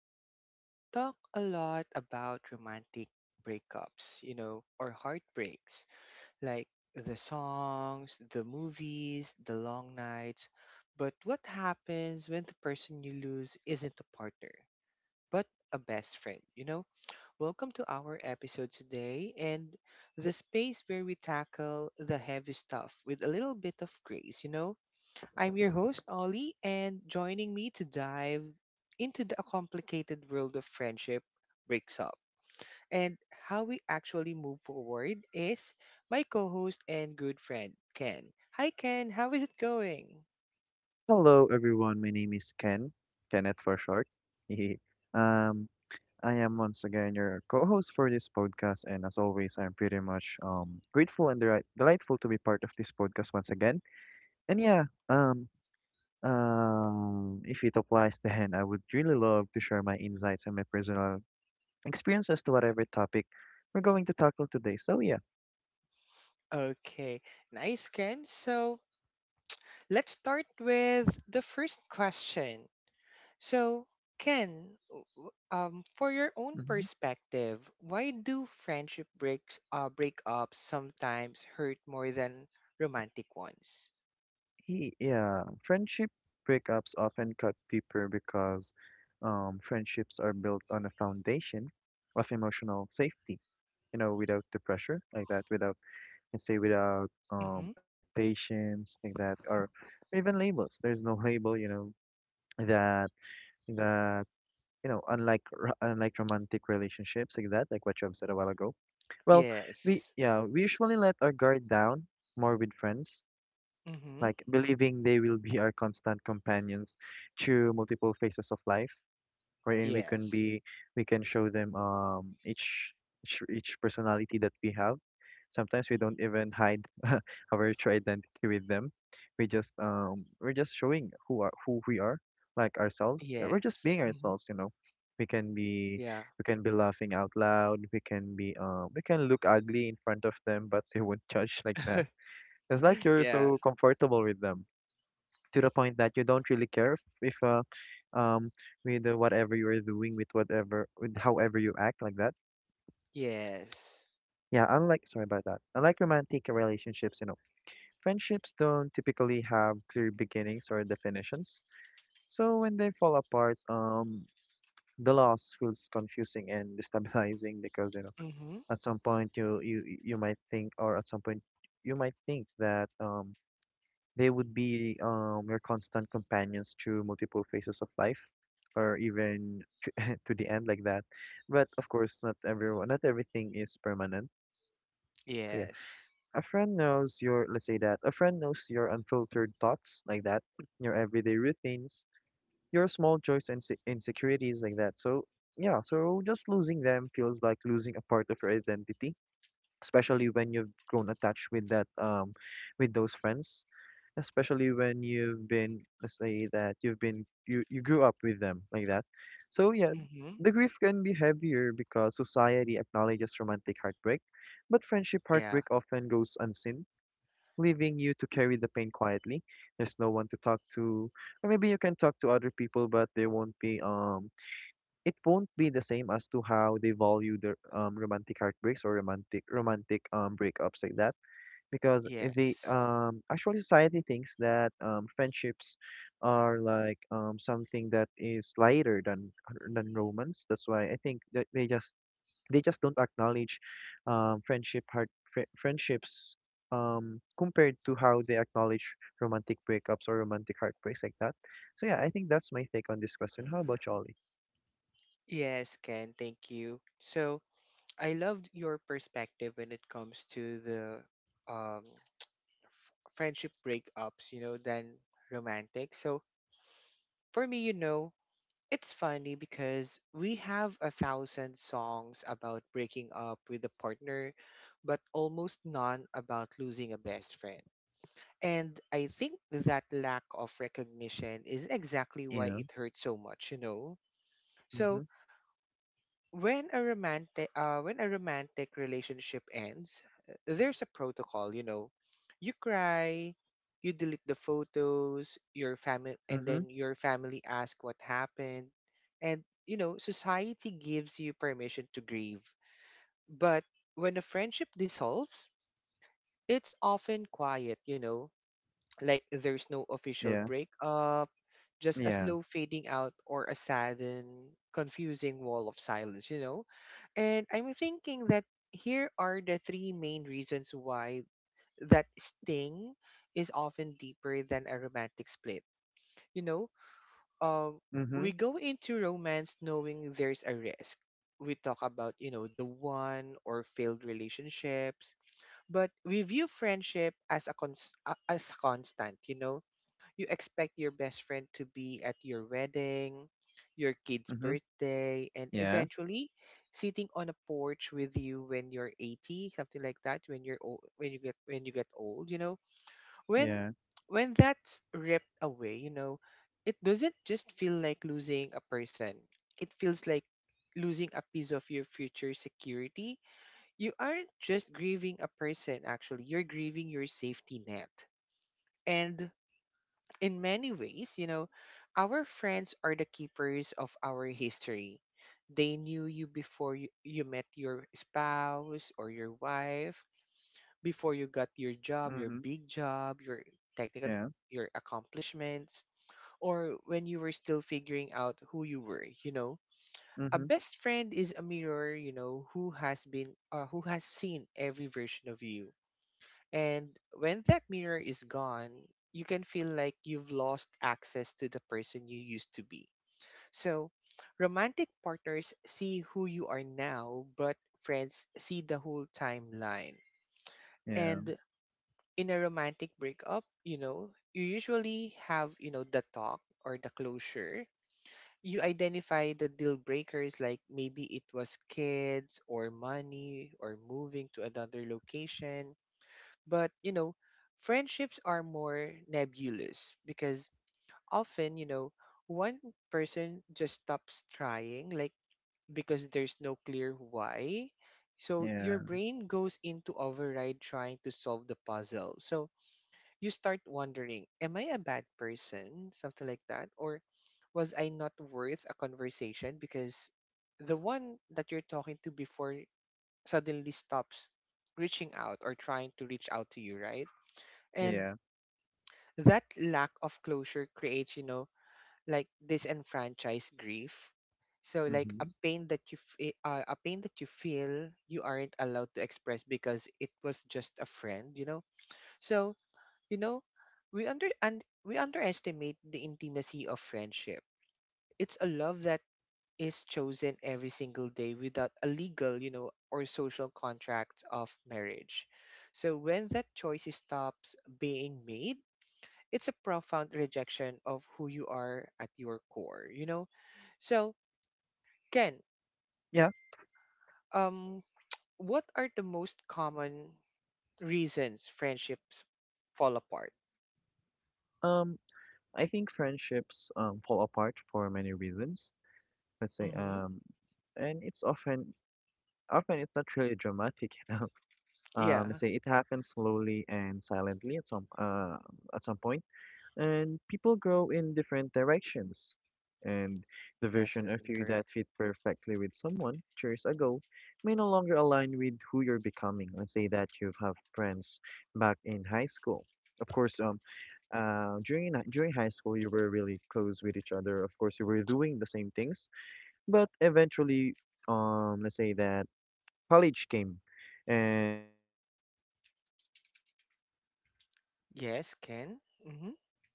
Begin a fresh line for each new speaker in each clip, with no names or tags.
You know, we talk a lot about romantic breakups, you know, or heartbreaks, like the songs, the movies, the long nights. But what happens when the person you lose isn't a partner, but a best friend, you know? Welcome to our episode today and the space where we tackle the heavy stuff with a little bit of grace, you know? I'm your host, Ollie, and joining me to dive into the complicated world of friendship breaks up and how we actually move forward is my co host and good friend, Ken. Hi, Ken. How is it going?
Hello, everyone. My name is Ken, Kenneth for short. um, I am once again your co-host for this podcast, and as always, I'm pretty much grateful and delightful to be part of this podcast once again. And yeah, um, if it applies, then I would really love to share my insights and my personal experiences to whatever topic we're going to tackle today. So yeah.
Okay, nice, Ken. So let's start with the first question. So, Ken, for your own
Mm-hmm.
perspective, why do friendship breaks breakups sometimes hurt more than romantic ones?
Yeah, friendship breakups often cut deeper because friendships are built on a foundation of emotional safety, you know, without the pressure like that, without, let's say, without
Mm-hmm.
expectations like that, or even labels. There's no label, you know, that, that, you know, unlike romantic relationships like that, like what you have said a while ago. Well, we
Yes.
yeah, we usually let our guard down more with friends,
Mm-hmm.
like believing they will be our constant companions through multiple phases of life, wherein
Yes.
we can show them each personality that we have. Sometimes we don't even hide our true identity with them. We just we're just showing who we are, like ourselves. We're just
Yes.
being
Mm-hmm.
ourselves, you know. We can be
Yeah.
we can be laughing out loud. We can be we can look ugly in front of them, but they won't judge like that. It's like you're
Yeah.
so comfortable with them to the point that you don't really care if um with whatever you're doing, with whatever, with however you act like that.
Yes.
Yeah, unlike, sorry about that, unlike romantic relationships, you know, friendships don't typically have clear beginnings or definitions. So when they fall apart, the loss feels confusing and destabilizing because, you know,
Mm-hmm.
at some point you you you might think, or at some point you might think that they would be your constant companions through multiple phases of life, or even to, to the end like that. But of course, not everyone, not everything is permanent. So yeah,
Yes.
a friend knows your, let's say that, a friend knows your unfiltered thoughts like that, your everyday routines, your small joys and insecurities like that. So yeah, so just losing them feels like losing a part of your identity, especially when you've grown attached with that, with those friends, especially when you've been, let's say that you've been, you grew up with them like that. So yeah,
Mm-hmm.
the grief can be heavier because society acknowledges romantic heartbreak, but friendship
Yeah.
heartbreak often goes unseen, leaving you to carry the pain quietly. There's no one to talk to, or maybe you can talk to other people, but they won't be it won't be the same as to how they value their romantic heartbreaks or romantic romantic breakups like that. Because if they
Yes.
actually, society thinks that friendships are like something that is lighter than romance. That's why I think that they just don't acknowledge friendships, compared to how they acknowledge romantic breakups or romantic heartbreaks like that. So yeah, I think that's my take on this question. How about Jolly?
Yes, Ken, thank you. So I loved your perspective when it comes to the um friendship breakups, you know, than romantic. So for me, you know, it's funny because we have a thousand songs about breaking up with a partner, but almost none about losing a best friend. And I think that lack of recognition is exactly why
Yeah.
it hurts so much, you know? So
Mm-hmm.
when a romantic relationship ends, there's a protocol, you know. You cry, you delete the photos,
Mhm.
your family ask what happened. And you know, society gives you permission to grieve. But when a friendship dissolves, it's often quiet, you know, like there's no official
Yeah.
breakup, just a
Yeah.
slow fading out or a sad and confusing wall of silence, you know? And I'm thinking that here are the three main reasons why that sting is often deeper than a romantic split. You know, um,
Mhm.
we go into romance knowing there's a risk. We talk about, you know, the one or failed relationships, but we view friendship as as constant, you know, you expect your best friend to be at your wedding, your kid's
Mhm.
birthday, and
Yeah.
eventually sitting on a porch with you when you're 80, something like that, when you're old, when you get old, you know. When
Yeah.
when that's ripped away, you know, it doesn't just feel like losing a person. It feels like losing a piece of your future security. You aren't just grieving a person actually, you're grieving your safety net. And in many ways, you know, our friends are the keepers of our history. They knew you before you met your spouse or your wife, before you got your job, your
Mhm.
big job, technical
Yeah.
your accomplishments, or when you were still figuring out who you were, you know. A
Mhm.
best friend is a mirror, you know, who has seen every version of you, and when that mirror is gone, you can feel like you've lost access to the person you used to be. So, romantic partners see who you are now, but friends see the whole timeline.
Yeah.
And in a romantic breakup, you know, you usually have, you know, the talk or the closure. You identify the deal breakers, like maybe it was kids or money or moving to another location, but, you know, friendships are more nebulous because often, you know, one person just stops trying, like because there's no clear why. So your
Yeah.
brain goes into override trying to solve the puzzle. So you start wondering, am I a bad person? Something like that. Or was I not worth a conversation because the one that you're talking to before suddenly stops reaching out or trying to reach out to you, right? And
Yeah.
that lack of closure creates, you know, like disenfranchised grief. So like
Mhm.
a pain that you feel you aren't allowed to express because it was just a friend, you know. So you know, we underestimate the intimacy of friendship. It's a love that is chosen every single day without a legal, you know, or social contract of marriage. So when that choice stops being made, it's a profound rejection of who you are at your core, you know? So, Ken,
Yeah.
um, what are the most common reasons friendships fall apart?
Um, I think friendships fall apart for many reasons. Let's say,
Mm-hmm.
and it's often often it's not really dramatic, you know. Let's
Yeah,
say it happens slowly and silently at some point. And people grow in different directions. And the version of
definitely
you that
correct.
fit perfectly with someone years ago may no longer align with who you're becoming. Let's say that you have friends back in high school. Of course, during during high school, you were really close with each other. Of course, you were doing the same things, but eventually, let's say that college came, and let's say that you took
Yes, Ken.
another
Mm-hmm.
course,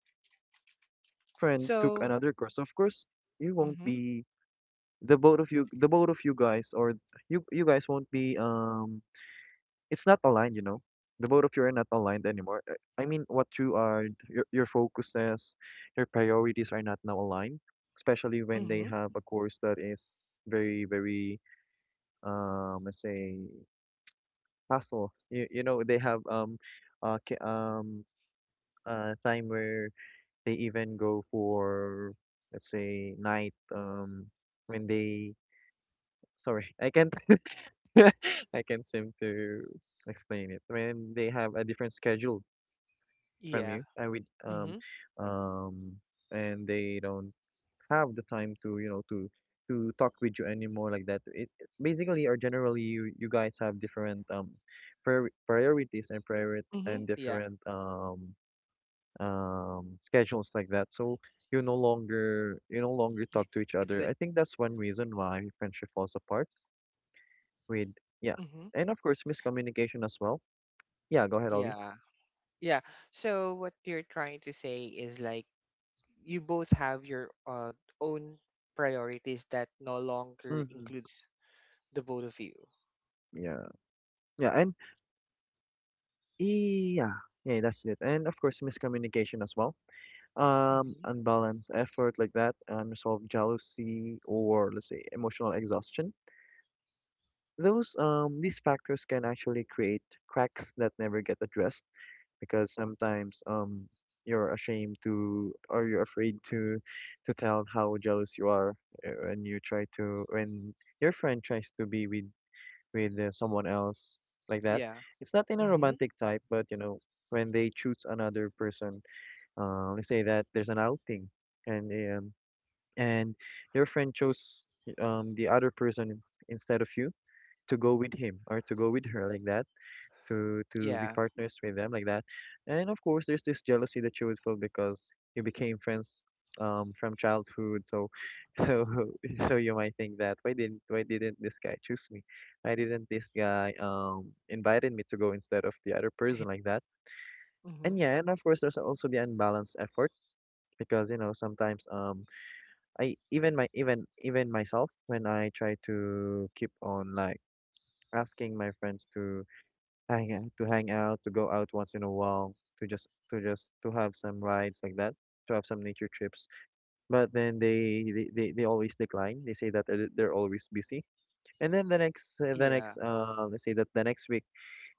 and your friend took
So,
another course. Of course, you won't
mm-hmm,
be the both of you guys, or you guys won't be it's not aligned, you know. The both of you are not aligned anymore. I mean, what you are, your focuses, your priorities are not now aligned, especially when they
mm-hmm,
have a course that is very very let's say, hassle. You know they have uh ca- um time where they even go for, let's say, night when they, sorry, I can't I can't seem to explain it. When they have a different schedule from
yeah,
you, I would
mm-hmm,
um and they don't have the time to, you know, to talk with you anymore like that. Basically, or generally, you guys have different priorities and priority
mm-hmm,
and
yeah.
different schedules like that. So you no longer
Y-
talk to each
It's
other.
like,
I think that's one reason why friendship falls apart. With Yeah,
mm-hmm,
and of course miscommunication as well. Yeah, go ahead, Ollie.
yeah, yeah. So, what you're trying to say is like, you both have your own priorities that no longer
Mm-hmm.
includes the both of you.
Yeah, yeah, and yeah, yeah, that's it. And of course miscommunication as well.
Mm-hmm.
Unbalanced effort like that, unresolved jealousy, or let's say emotional exhaustion. Those These factors can actually create cracks that never get addressed, because sometimes you're ashamed to, or you're afraid to tell how jealous you are when your friend tries to be with someone else like that.
Yeah.
It's not in a
Mm-hmm.
romantic type, but you know, when they choose another person, let's say that there's an outing and um and your friend chose the other person instead of you, to go with him or to go with her like that, to be
Yeah.
partners with them like that. And of course, there's this jealousy that you would feel because you became friends from childhood. So so so you might think that, why didn't this guy choose me? Why didn't this guy invited me to go instead of the other person like that? And
Mm-hmm.
yeah, and of course, there's also the unbalanced effort, because you know, sometimes I even my even even myself, when I try to keep on like asking my friends to hang out, to go out once in a while, to just to have some rides like that, to have some nature trips. But then they always decline. They say that they're always busy. And then the next
Yeah.
let's say that the next week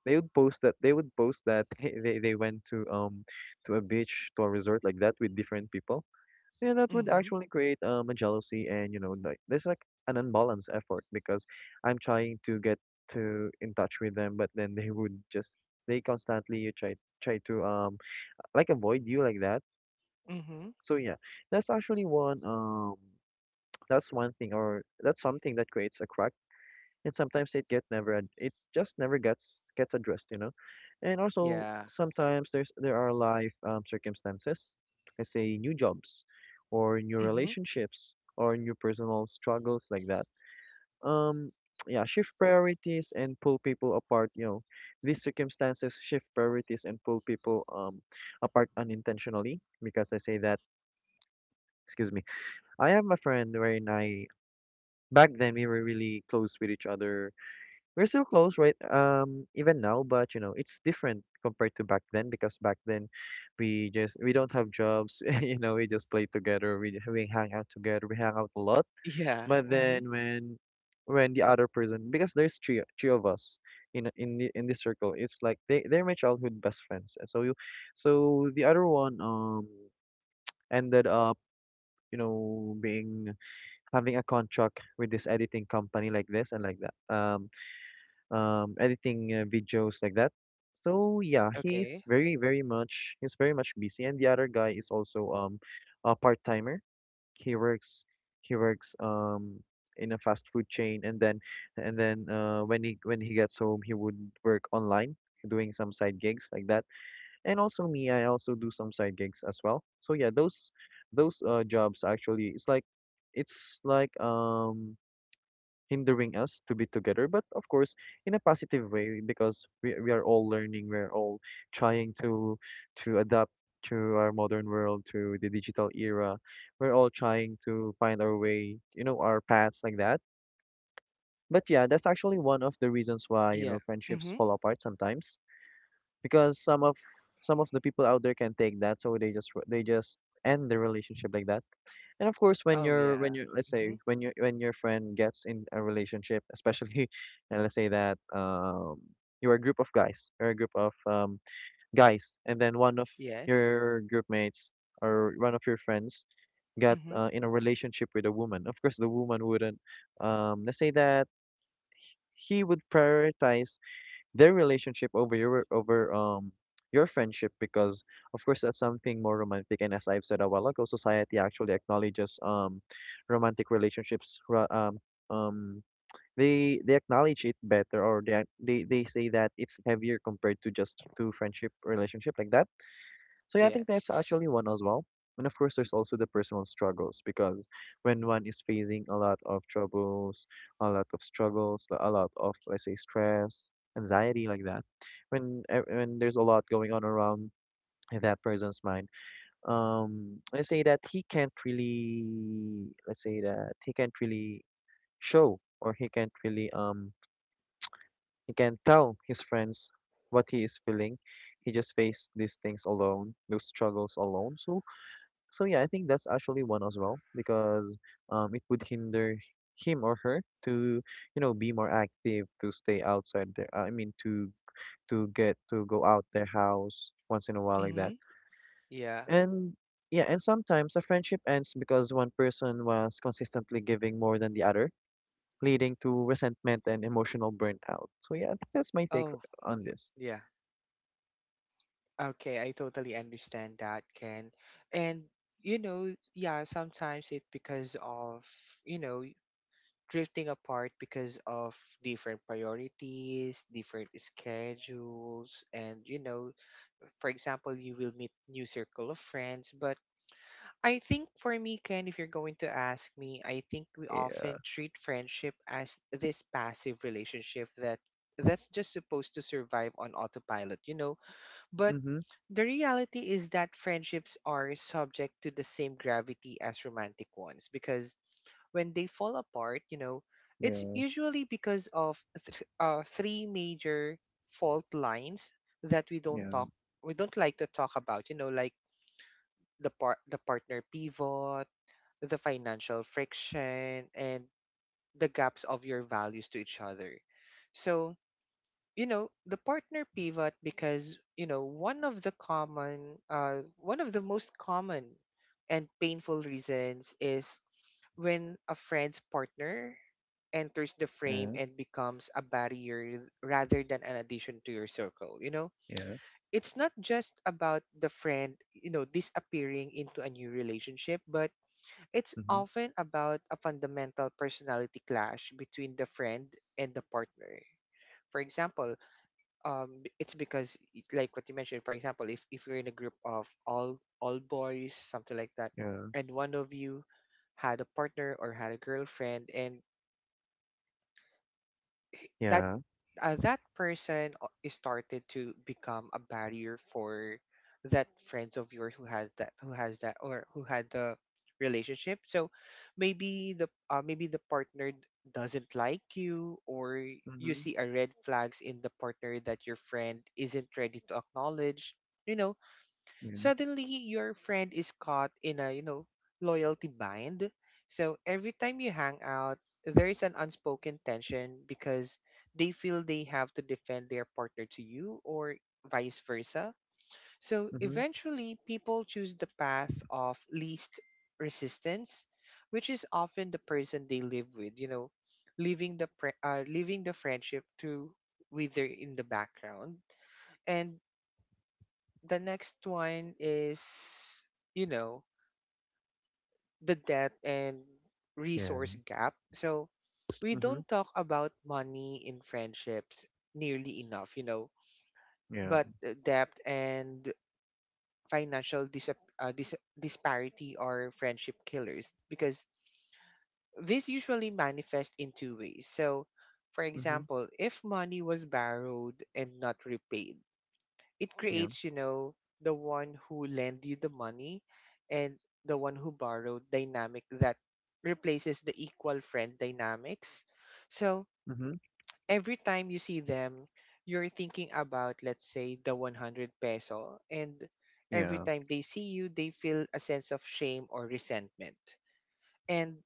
they would post that they went to a beach, to a resort like that, with different people. So yeah, that would
Mm-hmm.
actually create a jealousy, and you know, like, there's like an unbalanced effort because I'm trying to get to in touch with them, but then they would just they constantly try to like avoid you like that.
Mm-hmm.
So yeah, that's actually one that's one thing, or that's something that creates a crack, and sometimes it just never gets addressed, you know. And also
Yeah.
sometimes there are life circumstances, I say, new jobs or new
Mm-hmm.
relationships or new personal struggles like that, um yeah, shift priorities and pull people apart you know these circumstances shift priorities and pull people apart unintentionally, because I say that, excuse me, I have my friend, wherein I, back then, we were really close with each other. We're still close right even now, but you know, it's different compared to back then, because back then we don't have jobs, you know, we just play together, we hang out together, we hang out a lot.
Yeah.
But
Mm-hmm.
then when the other person, because there's three of us in this circle. It's like they they're my childhood best friends. And so you so the other one ended up, you know, being having a contract with this editing company like this and like that, editing videos like that. So yeah,
Okay.
he's very much busy, and the other guy is also a part timer. He works he works um in a fast food chain, and then when he gets home, he would work online, doing some side gigs like that. And also me, I also do some side gigs as well. So yeah, those jobs, actually, it's like hindering us to be together, but of course, in a positive way, because we are all learning, we're all trying to adapt to our modern world, to the digital era. We're all trying to find our way, you know, our paths like that. But yeah, that's actually one of the reasons why, you know,
Yeah.
friendships
Mm-hmm.
fall apart sometimes because some of the people out there can take that, so they just end the relationship like that. And of course, when
Oh
you're when
yeah.
you're let's say
Mm-hmm.
when you when your friend gets in a relationship, especially, and let's say that you're a group of guys, or a group of guys, and then one of
Yes.
your group mates or one of your friends got
Mm-hmm.
in a relationship with a woman. Of course, the woman wouldn't. Let's say that he would prioritize their relationship over your friendship because of course that's something more romantic, and as I've said a while ago, society actually acknowledges romantic relationships um they acknowledge it better, or they they say that it's heavier compared to just to friendship relationship like that. So yeah, I think that's
Yes.
actually one as well. And of course, there's also the personal struggles because when one is facing a lot of troubles, a lot of struggles, like, a lot of let's say stress, anxiety like that, when when there's a lot going on around that person's mind, let's say that he can't really, let's say that he can't really show, or he can't really he can't tell his friends what he is feeling. He just faced these things alone, those struggles alone. So yeah, I think that's actually one as well because it would hinder him or her to, you know, be more active, to stay outside their, I mean, to get to go out their house once in a while like that.
Mm-hmm. Yeah.
And yeah, and sometimes a friendship ends because one person was consistently giving more than the other, leading to resentment and emotional burnout. So yeah, I think that's my take
Oh
on this.
yeah. Okay, I totally understand that, Ken. And you know, yeah, sometimes it's because of, you know, drifting apart because of different priorities, different schedules, and you know, for example, you will meet new circle of friends. But I think for me, Ken, if you're going to ask me, I think we
Yeah.
often treat friendship as this passive relationship that that's just supposed to survive on autopilot, you know. But
Mhm.
the reality is that friendships are subject to the same gravity as romantic ones because when they fall apart, you know, it's
Yeah.
usually because of three major fault lines that
Yeah.
we don't like to talk about, you know, like the partner pivot, the financial friction, and the gaps of your values to each other. So, you know, the partner pivot because, you know, one of the most common and painful reasons is when a friend's partner enters the frame
Yeah.
and becomes a barrier rather than an addition to your circle, you know,
Yeah.
it's not just about the friend, you know, disappearing into a new relationship, but it's
Mhm.
often about a fundamental personality clash between the friend and the partner. For example, it's because like what you mentioned, for example, if you're in a group of all boys, something like that,
Yeah.
and one of you had a partner or had a girlfriend, and that
Yeah.
that person o- is started to become a barrier for that friends of yours who has that or who had the relationship, so maybe the partner doesn't like you, or you
Mhm.
see a red flags in the partner that your friend isn't ready to acknowledge, you know,
Yeah.
suddenly your friend is caught in a, you know, loyalty bind, so every time you hang out there is an unspoken tension because they feel they have to defend their partner to you or vice versa, so
Mhm.
eventually people choose the path of least resistance, which is often the person they live with, you know, leaving leaving the friendship to wither in the background. And the next one is, you know, the debt and
Yeah.
resource gap. So we
Mhm.
don't talk about money in friendships nearly enough, you know,
Yeah.
but debt and financial dis- disparity are friendship killers because this usually manifests in two ways. So, for
Mhm.
example, if money was borrowed and not repaid, it
Yeah.
creates, you know, the one who lend you the money and the one who borrowed dynamic that replaces the equal friend dynamics. So
Mhm.
every time you see them, you're thinking about, let's say, the 100 peso. And every
Yeah.
time they see you, they feel a sense of shame or resentment. And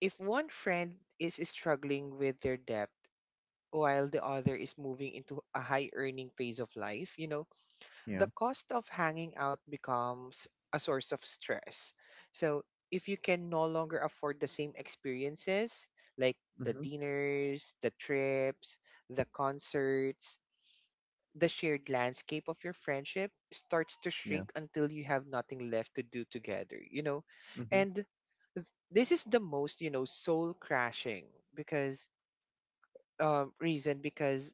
if one friend is struggling with their debt while the other is moving into a high earning phase of life, you know,
Yeah.
the cost of hanging out becomes a source of stress. So if you can no longer afford the same experiences, like the
Mhm.
dinners, the trips, the concerts, the shared landscape of your friendship starts to
Yeah.
shrink until you have nothing left to do together, you know?
Mhm.
And th- this is the most, you know, soul crashing because reason because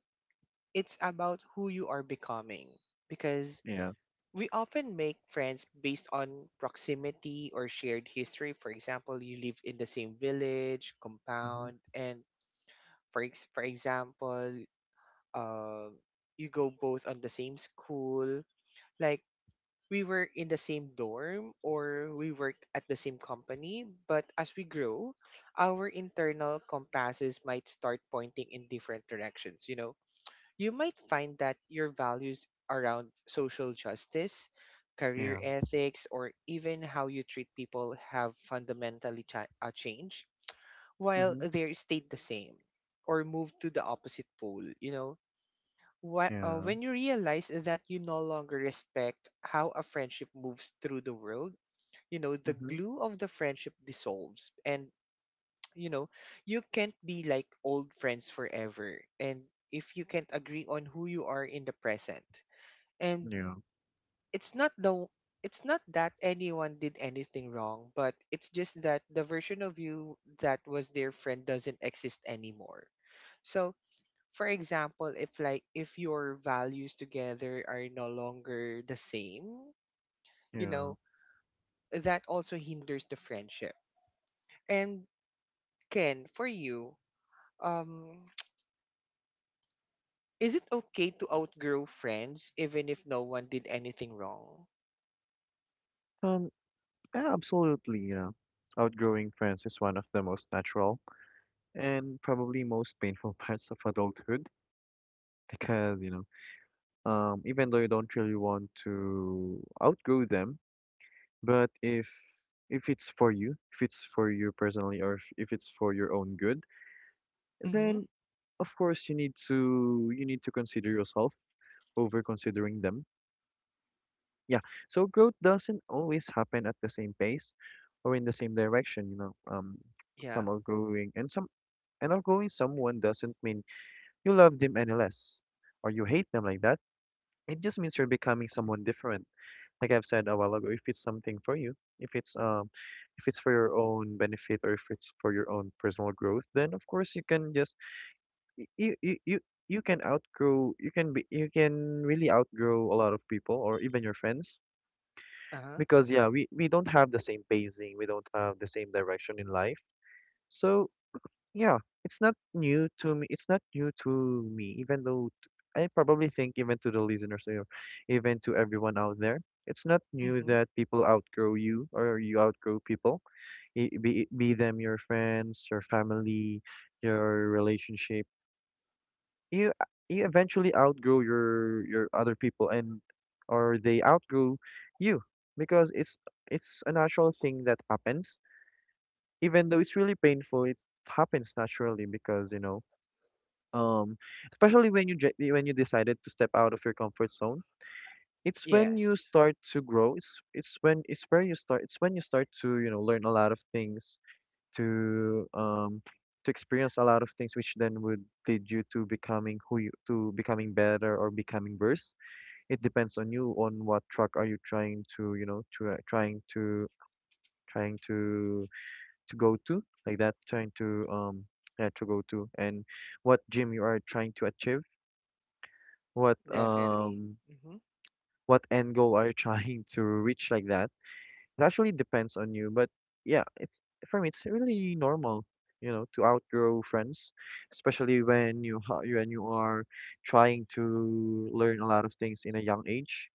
it's about who you are becoming, because
Yeah.
we often make friends based on proximity or shared history. For example, you live in the same village,
Mhm.
compound, and for example, um, you go both on the same school. Like we were in the same dorm or we work at the same company, but as we grow, our internal compasses might start pointing in different directions. You know, you might find that your values around social justice, career
Yeah.
ethics, or even how you treat people have changed while
Mhm.
they stayed the same or moved to the opposite pole, you know? Wh- uh,
Yeah.
when you realize that you no longer respect how a friendship moves through the world, you know, the
Mhm.
glue of the friendship dissolves and you know you can't be like old friends forever, and if you can't agree on who you are in the present, and
Yeah.
it's not the it's not that anyone did anything wrong, but it's just that the version of you that was their friend doesn't exist anymore. So, for example, if your values together are no longer the same, you
Yeah.
know that also hinders the friendship. And Ken, for you, um is it okay to outgrow friends even if no one did anything wrong?
Um, yeah, absolutely. Yeah. Outgrowing friends is one of the most natural and probably most painful parts of adulthood because, you know, even though you don't really want to outgrow them, but if it's for you, if it's for you personally, or if it's for your own good,
Mm-hmm.
then of course you need to consider yourself over considering them. Yeah. So growth doesn't always happen at the same pace or in the same direction, you know. Um,
Yeah.
some are growing and some and outgrowing someone doesn't mean you love them any less or you hate them like that. It just means you're becoming someone different. Like I've said a while ago, if it's something for you, if it's um if it's for your own benefit, or if it's for your own personal growth, then of course you can just you you can outgrow, you can really outgrow a lot of people or even your friends
Uh-huh.
because yeah, we don't have the same pacing, we don't have the same direction in life. So yeah, it's not new to me, it's not new to me. Even though I probably think even to the listeners or even to everyone out there, it's not new
Mm-hmm.
that people outgrow you or you outgrow people. Be them your friends, your family, your relationship, you you eventually outgrow your other people, and or they outgrow you because it's a natural thing that happens. Even though it's really painful, it happens naturally because, you know, um, especially when you when you decided to step out of your comfort zone, it's when you
Yes.
start to grow. It's when you start to, you know, learn a lot of things, to um to experience a lot of things, which then would lead you to becoming who you to becoming better or becoming worse. It depends on you, on what track are you trying to, you know, to trying to trying to go to like that, trying to yeah to go to, and what gym you are trying to achieve, what
Definitely.
um
Mm-hmm.
what end goal are you trying to reach like that. It actually depends on you, but yeah, it's for me it's really normal, you know, to outgrow friends, especially when you when you are trying to learn a lot of things in a young age.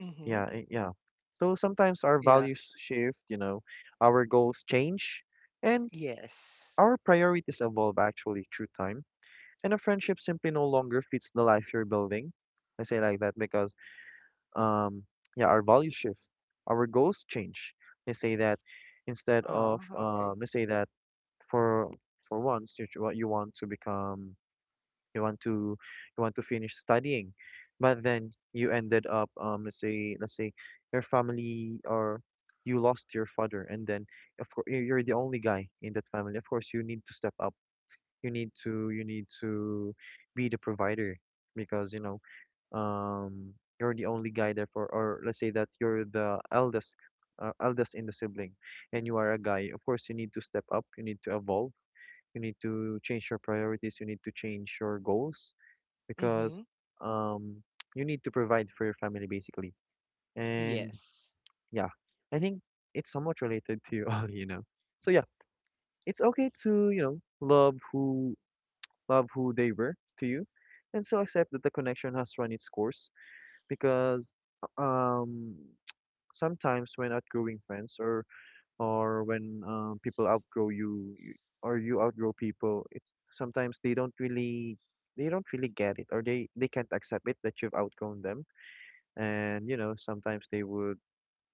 Mm-hmm.
Yeah, yeah. So sometimes our
Yeah.
values shift, you know, our goals change, and
Yes.
our priorities evolve actually through time, and a friendship simply no longer fits the life you're building. I say like that because um, yeah, our values shift, our goals change. Let's say that instead of
Oh, okay.
let's say that for for once you what you want to become, you want to you want to finish studying, but then you ended up let's say your family, or you lost your father, and then of course you're the only guy in that family. Of course, you need to step up, you need to be the provider because you know um you're the only guy there for, or let's say that you're the eldest eldest in the sibling, and you are a guy. Of course, you need to step up, you need to evolve, you need to change your priorities, you need to change your goals
Mm-hmm.
because um you need to provide for your family, basically. And
Yes.
yeah, I think it's somewhat related to you all, you know. So yeah, it's okay to, you know, love who they were to you, and still accept that the connection has run its course because uh, um sometimes when outgrowing friends, or when people outgrow you, you or you outgrow people, it's sometimes they don't really get it, or they can't accept it that you've outgrown them. And you know, sometimes they would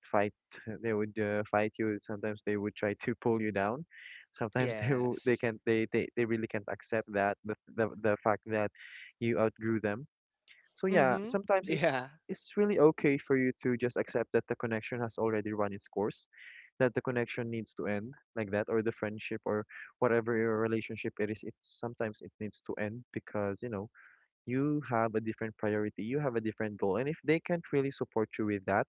fight, they would fight you, sometimes they would try to pull you down, sometimes they w- they
Yes.
can't they, they they really can't accept that the fact that you outgrew them. So yeah,
Mm-hmm.
sometimes it's
Yeah.
it's really okay for you to just accept that the connection has already run its course, that the connection needs to end like that, or the friendship, or whatever your relationship it is, it sometimes it needs to end because, you know, you have a different priority, you have a different goal, and if they can't really support you with that,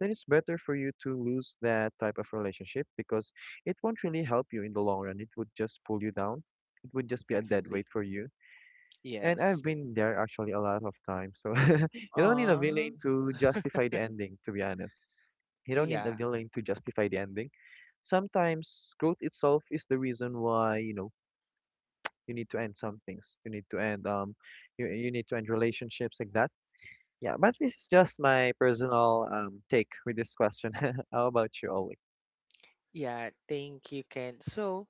then it's better for you to lose that type of relationship because it won't really help you in the long run. It would just pull you down. It would just be a dead
Definitely.
weight for you. And I've
Yes.
been there actually a lot of times. So you don't need a
Aw.
villain to justify the ending, to be honest. You don't need a
Yeah.
villain to justify the ending. Sometimes growth itself is the reason why, you know, you need to end some things. You need to end you need to end relationships like that. Yeah, but this is just my personal take with this question. How about you, Oleg?
Yeah. Thank you, Ken. So,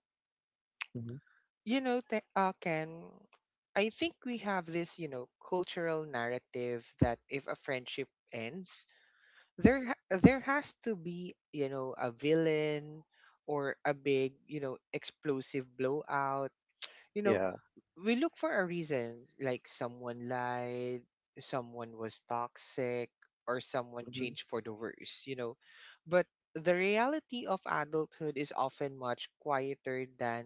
Mhm.
you know, Ken, I think we have this, you know, cultural narrative that if a friendship ends, there has to be, you know, a villain or a big, you know, explosive blowout. You know,
Yeah.
we look for a reason, like someone lied, someone was toxic, or someone
Mhm.
changed for the worse, you know. But the reality of adulthood is often much quieter than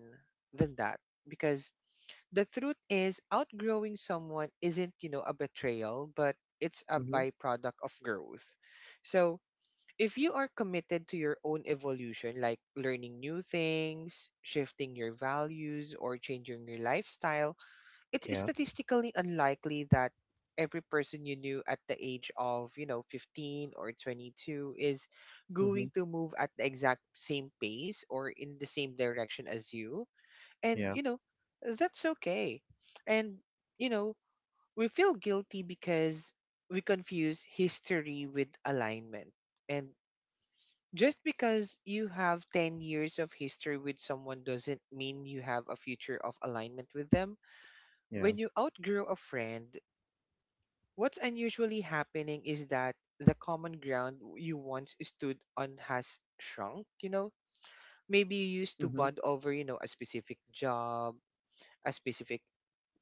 that, because the truth is outgrowing someone isn't, you know, a betrayal, but it's a
Mhm.
byproduct of growth. So if you are committed to your own evolution, like learning new things, shifting your values, or changing your lifestyle, it's
Yeah.
statistically unlikely that every person you knew at the age of, you know, 15 or 22 is
Mhm.
going to move at the exact same pace or in the same direction as you. And
Yeah.
you know, that's okay. And you know, we feel guilty because we confuse history with alignment. And just because you have 10 years of history with someone doesn't mean you have a future of alignment with them.
Yeah.
When you outgrow a friend, what's unusually happening is that the common ground you once stood on has shrunk, you know. Maybe you used to
Mhm.
bond over, you know, a specific job, a specific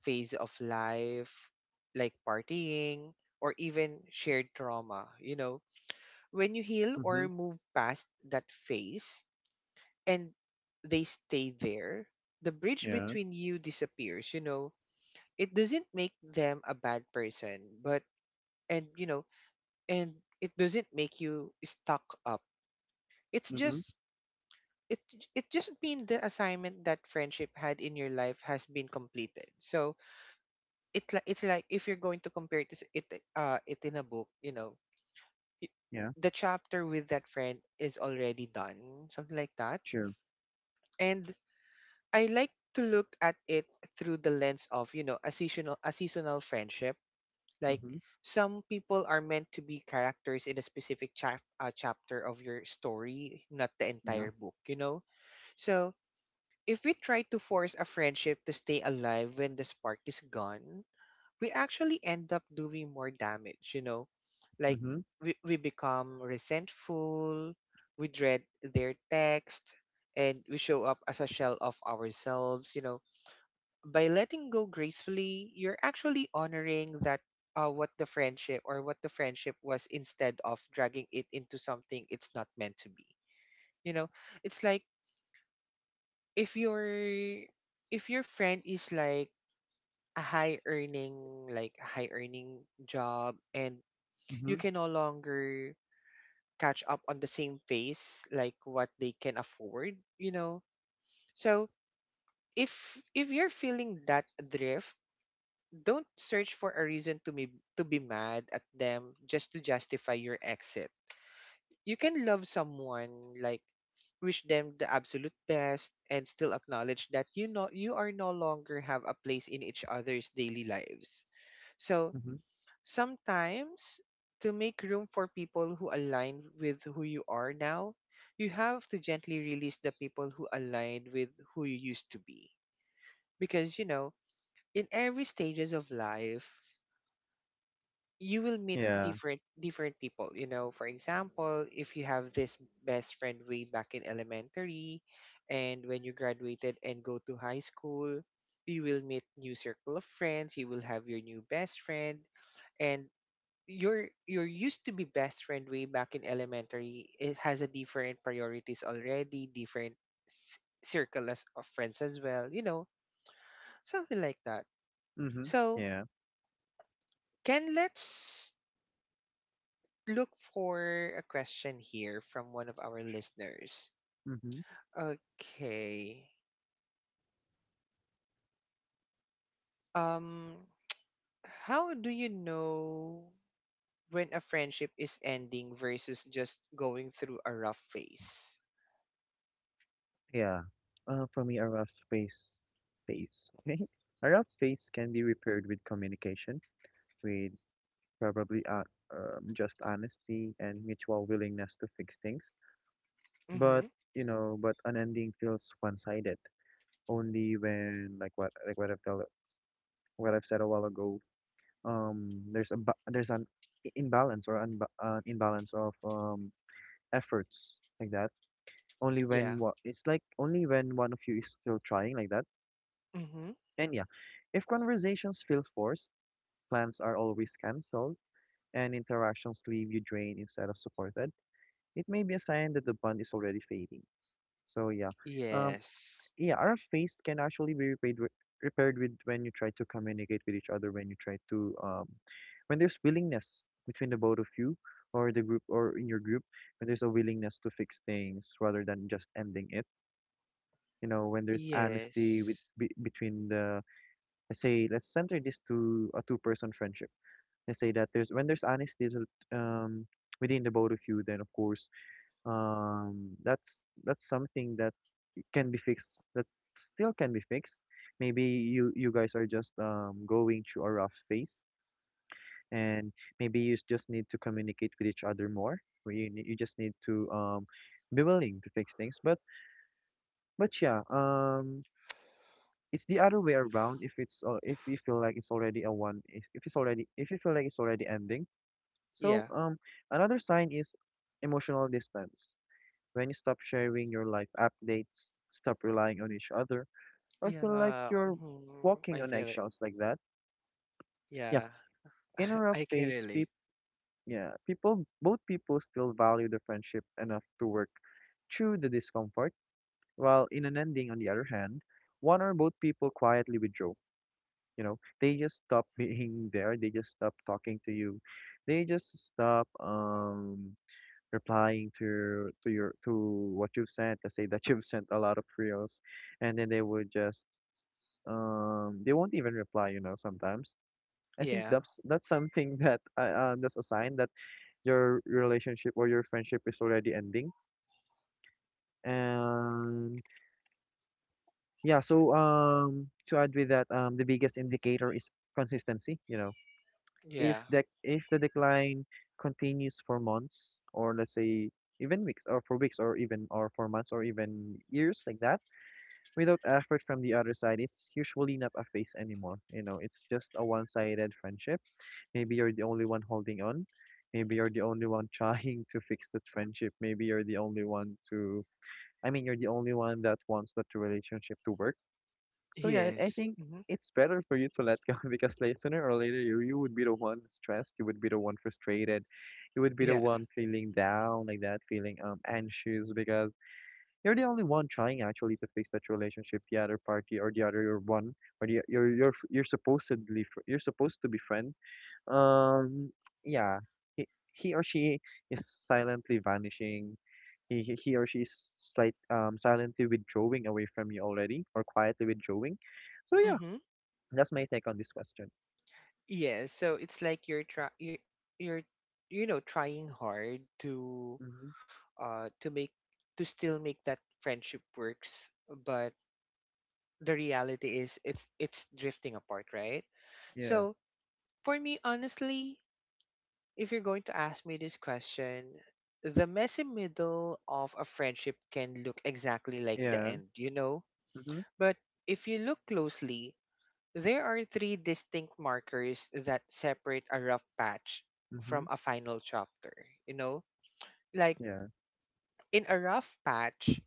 phase of life, like partying, or even shared trauma. You know, when you heal or
Mhm.
move past that phase and they stay there, the bridge
Yeah.
between you disappears. You know, it doesn't make them a bad person, but, and, you know, and it doesn't make you stuck up. It's
Mhm.
just, it, it just means the assignment that friendship had in your life has been completed. So, it's like if you're going to compare it it in a book, you know, it,
Yeah.
the chapter with that friend is already done, something like that.
True.
And I like to look at it through the lens of, you know, a seasonal friendship. Like,
Mhm.
some people are meant to be characters in a specific chapter of your story, not the
Yeah.
entire book, you know. So if we try to force a friendship to stay alive when the spark is gone, we actually end up doing more damage, you know? Like
Mhm.
we become resentful, we dread their text, and we show up as a shell of ourselves, you know? By letting go gracefully, you're actually honoring that what the friendship was, instead of dragging it into something it's not meant to be. You know, it's like if your if your friend is like a high earning job, and you
Mhm.
can no longer catch up on the same pace like what they can afford, you know. So if if you're feeling that drift, don't search for a reason to be, to be mad at them just to justify your exit. You can love someone, like wish them the absolute best, and still acknowledge that, you know, you are no longer have a place in each other's daily lives. So
Mhm.
sometimes, to make room for people who align with who you are now, you have to gently release the people who align with who you used to be. Because you know, in every stages of life, you will meet
Yeah.
different people. You know, for example, if you have this best friend way back in elementary, and when you graduated and go to high school, you will meet new circle of friends. You will have your new best friend, and your used to be best friend way back in elementary, it has a different priorities already, different s- circle of friends as well, you know, something like that.
Mhm.
So
Yeah.
Ken, let's look for a question here from one of our listeners.
Mhm.
Okay, um how do you know when a friendship is ending versus just going through a rough phase?
Yeah. For me, a rough face, face. Okay. A rough face can be repaired with communication, with probably just honesty and mutual willingness to fix things.
Mm-hmm.
But you know, but an ending feels one-sided only when like what I've told, what I've said a while ago, there's a ba there's an imbalance, or an imbalance of efforts like that. Only
Yeah.
when what it's like, only when one of you is still trying like that.
Mm-hmm.
And yeah, if conversations feel forced, plans are always canceled, and interactions leave you drained instead of supported, it may be a sign that the bond is already fading. So yeah, um,
Yes.
yeah, our face can actually be repaired, repaired with when you try to communicate with each other, when you try to, when there's willingness between the both of you, or the group or in your group, when there's a willingness to fix things rather than just ending it. You know, when there's honesty with
Yes.
between the, let's say, let's center this to a two-person friendship. Let's say that there's honesty within the both of you, then of course, that's something that can be fixed, that still can be fixed. Maybe you guys are just going through a rough phase, and maybe you just need to communicate with each other more, or you just need to be willing to fix things, but yeah. It's the other way around if it's if you feel like it's already a one, if it's already, if you feel like it's already ending. So
Yeah.
another sign is emotional distance, when you stop sharing your life updates, stop relying on each other, or feel like
Yeah.
you're
Mhm, I
walking on
feel it.
eggshells like that. Yeah,
Yeah.
in a rough
I can
phase,
relate.
peop yeah, people, both people still value the friendship enough to work through the discomfort, while in an ending, on the other hand, one or both people quietly withdraw. You know, they just stop being there. They just stop talking to you. They just stop replying to your to what you've sent. Let's say that you've sent a lot of reels, and then they would just they won't even reply. You know, sometimes I think
Yeah.
that's something that that's a sign that your relationship or your friendship is already ending. And yeah, so to add with that, the biggest indicator is consistency, you know. If
Yeah.
the decline continues for months, or let's say even weeks, or for weeks or even, or for months or even years like that, without effort from the other side, it's usually not a phase anymore. You know, it's just a one-sided friendship. Maybe you're the only one holding on. Maybe you're the only one trying to fix that friendship. Maybe you're the only one to, I mean, you're the only one that wants that relationship to work. So yeah, I
Yes.
think
Hmm.
it's better for you to let go because later, sooner or later, you would be the one stressed. You would be the one frustrated. You would be the
Yeah.
one feeling down like that, feeling anxious, because you're the only one trying actually to fix that relationship. The other party, or the other your one, or the, you're supposedly you're supposed to be friend. Um, yeah, he, he or she is silently vanishing. He, he or she is slight silently withdrawing away from you already, or quietly withdrawing. So yeah,
Hmm.
that's my take on this question.
Yeah. So it's like you're you know trying hard
Mm-hmm.
to make, to still make that friendship works, but the reality is, it's drifting apart, right?
Yeah,
So for me, honestly, if you're going to ask me this question, the messy middle of a friendship can look exactly like the
yeah.
end, you know?
Mm-hmm.
But if you look closely, there are three distinct markers that separate a rough patch from
Mm-hmm.
a final chapter, you know? Like
Yeah.
in a rough patch,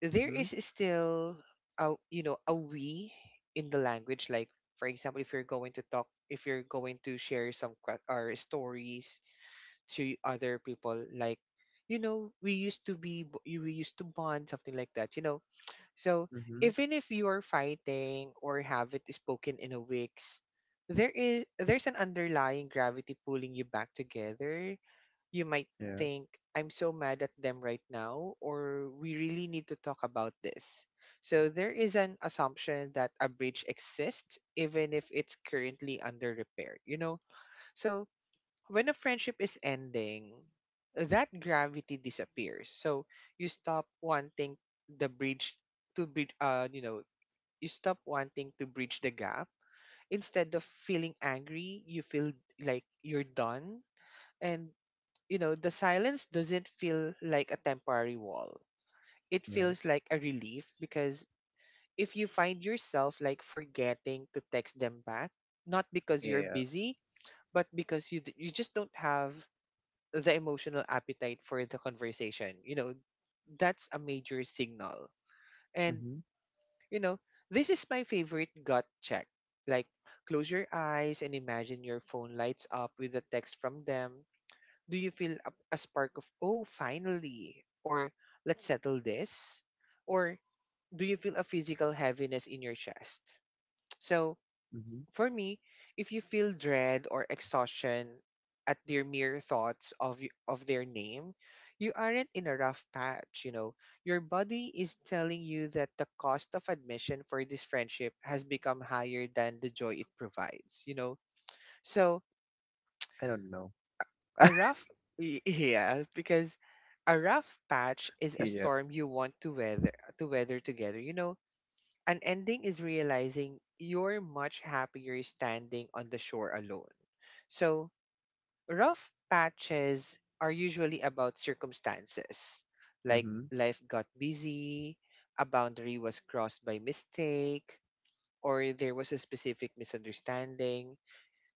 there
Mm-hmm.
is still, a you know, a we in the language, like for example, if you're going to talk, if you're going to share some que- or stories to other people, like you know, we used to bond, something like that, you know. So
Mm-hmm.
even if you are fighting or have it spoken in a weeks, there's an underlying gravity pulling you back together. You might
Yeah.
think, I'm so mad at them right now, or we really need to talk about this. So there is an assumption that a bridge exists even if it's currently under repair, you know. So when a friendship is ending, that gravity disappears. So you stop wanting the bridge to bridge. You know, you stop wanting to bridge the gap. Instead of feeling angry, you feel like you're done, and you know the silence doesn't feel like a temporary wall. It
Yeah.
feels like a relief. Because if you find yourself like forgetting to text them back, not because you're
Yeah.
busy, but because you just don't have the emotional appetite for the conversation. You know, that's a major signal. And,
Mm-hmm.
you know, this is my favorite gut check. Like, close your eyes and imagine your phone lights up with a text from them. Do you feel a spark of, oh, finally? Or, let's settle this? Or, do you feel a physical heaviness in your chest? So,
Mm-hmm.
for me, if you feel dread or exhaustion at their mere thoughts of of their name, you aren't in a rough patch, you know. Your body is telling you that the cost of admission for this friendship has become higher than the joy it provides, you know. So,
I don't know.
a rough yeah, because a rough patch is a
Yeah.
storm you want to weather, to weather together, you know. An ending is realizing you're much happier standing on the shore alone. So, rough patches are usually about circumstances, like
Mm-hmm.
life got busy, a boundary was crossed by mistake, or there was a specific misunderstanding.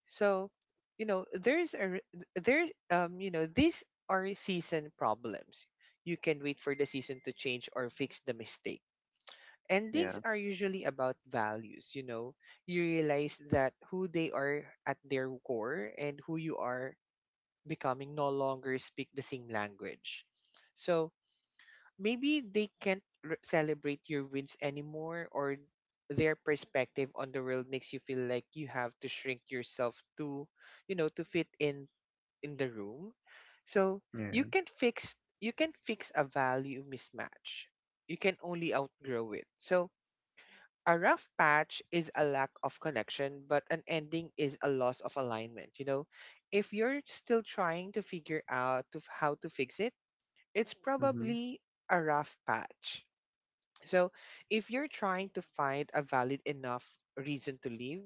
So, you know, there's you know, these are season problems. You can wait for the season to change or fix the mistake. Endings
Yeah.
are usually about values, you know. You realize that who they are at their core and who you are becoming no longer speak the same language. So maybe they can't r celebrate your wins anymore, or their perspective on the world makes you feel like you have to shrink yourself to, you know, to fit in the room. So
Yeah.
you can fix a value mismatch, you can only outgrow it. So a rough patch is a lack of connection, but an ending is a loss of alignment. You know, if you're still trying to figure out how to fix it, it's
Mm-hmm.
probably a rough patch. So, if you're trying to find a valid enough reason to leave,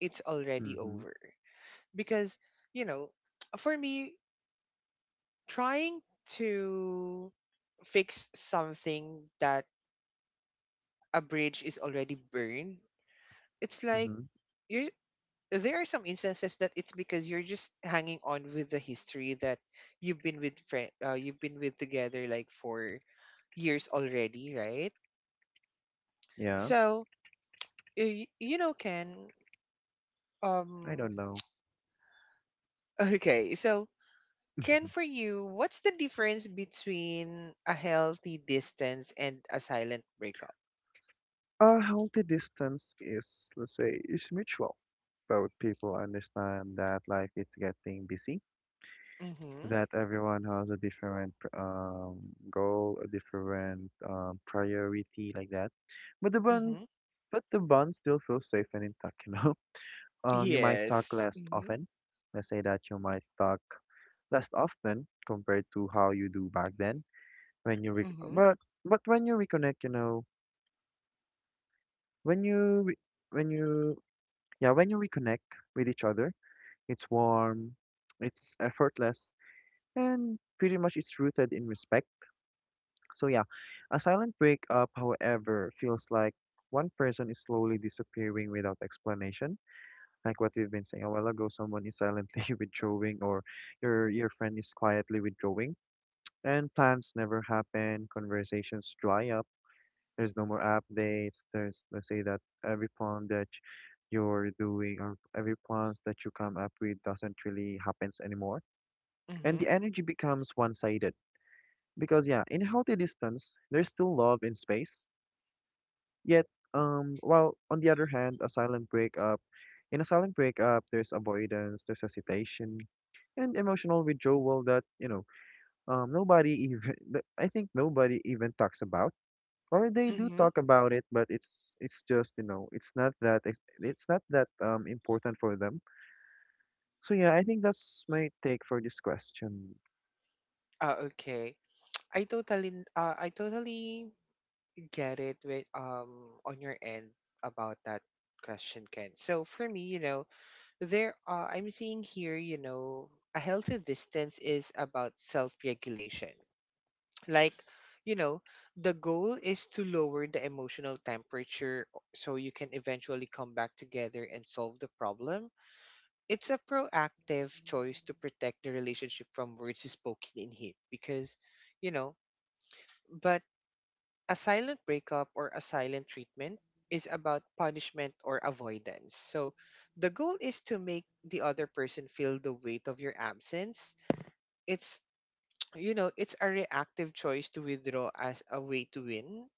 it's already
Mm-hmm.
over. Because, you know, for me, trying to fix something that a bridge is already burned, it's like,
Mm-hmm.
you're, there are some instances that it's because you're just hanging on with the history that you've been with together like for years already, right?
Yeah.
So you know Ken,
I
um
don't know.
okay, so Ken, for you, what's the difference between a healthy distance and a silent breakup?
A healthy distance is, let's say, is mutual. Both people understand that life is getting busy,
Mm-hmm.
that everyone has a different goal, a different priority, like that. But the bond,
Mm-hmm.
but the bond still feels safe and intact. You know, you might talk
Yes.
less
Mm-hmm.
often. Let's say that you might talk less often compared to how you do back then. When you, re-
Mm-hmm.
but when you reconnect, you know, when you re- when you yeah, when you reconnect with each other, it's warm, it's effortless, and pretty much it's rooted in respect. So yeah, a silent breakup, however, feels like one person is slowly disappearing without explanation. Like what we've been saying a while ago, someone is silently withdrawing, or your friend is quietly withdrawing, and plans never happen, conversations dry up, there's no more updates. There's, let's say that every plan that you're doing, or every plans that you come up with, doesn't really happens anymore. And
Mm-hmm.
the energy becomes one-sided, because yeah, in a healthy distance, there's still love in space. Yet, while on the other hand, a silent breakup, in a silent breakup, there's avoidance, there's hesitation, and emotional withdrawal, that you know, nobody even, that I think nobody even talks about, or they do
Mm-hmm.
talk about it, but it's just, you know, it's not that it's not that important for them. So yeah, I think that's my take for this question.
Uh, okay. I totally get it with on your end about that question, Ken. So for me, you know, there are, I'm seeing here, you know, a healthy distance is about self-regulation. Like, you know, the goal is to lower the emotional temperature so you can eventually come back together and solve the problem. It's a proactive choice to protect the relationship from words spoken in hate. Because, you know, but a silent breakup or a silent treatment is about punishment or avoidance. So the goal is to make the other person feel the weight of your absence. It's, it's a reactive choice to withdraw as a way to win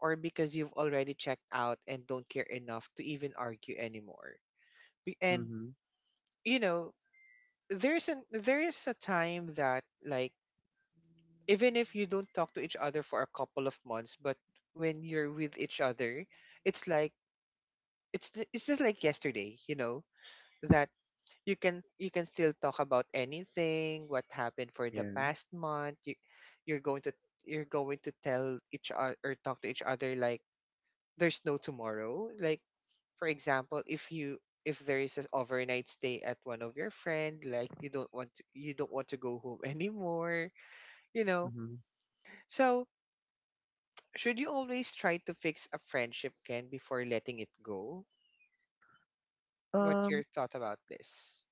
or because you've already checked out and don't care enough to even argue anymore. And,
Mm-hmm.
you know, there is a time that, like, even if you don't talk to each other for a couple of months, but when you're with each other, it's like it's just like yesterday, that you can still talk about anything, what happened for the
Yeah.
past month. You're going to you're going to tell each other or talk to each other like there's no tomorrow. Like, for example, if there is an overnight stay at one of your friend, like, you don't want to go home anymore, you know.
Mm-hmm.
So should you always try to fix a friendship, Ken, before letting it go? What
Um,
your thought about this?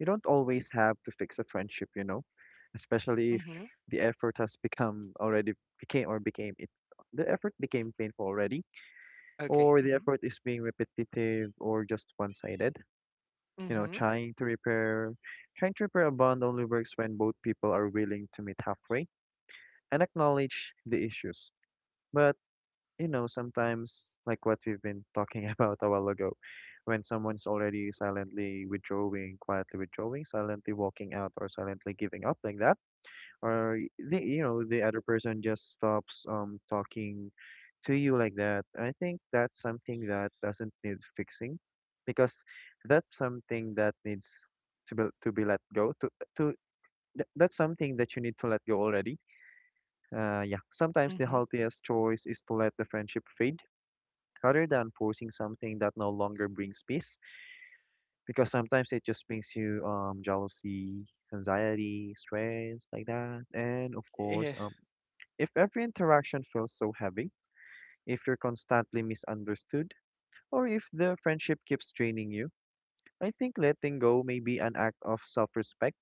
you don't always have to fix a friendship, you know, especially if the effort has become already became or became it the effort became painful already,
Okay.
or the
Mm-hmm.
effort is being repetitive or just one-sided. You know,
Mm-hmm.
trying to repair a bond only works when both people are willing to meet halfway and acknowledge the issues. But, you know, sometimes like what we've been talking about a while ago, when someone's already silently withdrawing, quietly withdrawing, silently walking out or silently giving up like that, or the, you know, the other person just stops talking to you like that, I think that's something that doesn't need fixing, because that's something that needs to be let go, to that's something that you need to let go already. Yeah, sometimes the
Mm-hmm.
healthiest choice is to let the friendship fade, rather than forcing something that no longer brings peace, because sometimes it just brings you jealousy, anxiety, stress like that. And of course,
Yeah.
if every interaction feels so heavy, if you're constantly misunderstood, or if the friendship keeps draining you, I think letting go may be an act of self-respect,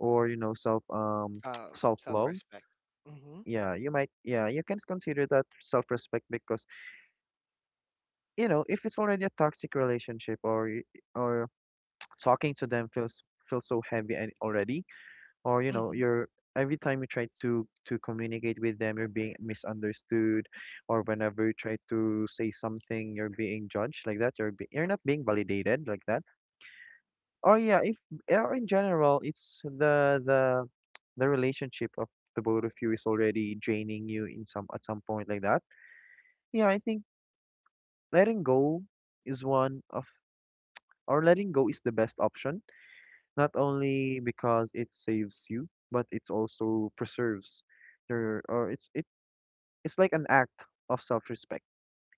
or, you know, self
Uh,
self-love.
Self-respect. Mm-hmm.
Yeah, you might, yeah, you can consider that self-respect, because, you know, if it's already a toxic relationship, or or talking to them feels, feels so heavy and already, or you know
Mm-hmm.
you're, every time you try to communicate with them, you're being misunderstood, or whenever you try to say something, you're being judged like that, you're not being validated like that, or yeah, if, or in general, it's the relationship of the both of you is already draining you in some point like that. Yeah, I think letting go is one of, or letting go is the best option. Not only because it saves you, but it also preserves your, or it's it it's like an act of self-respect.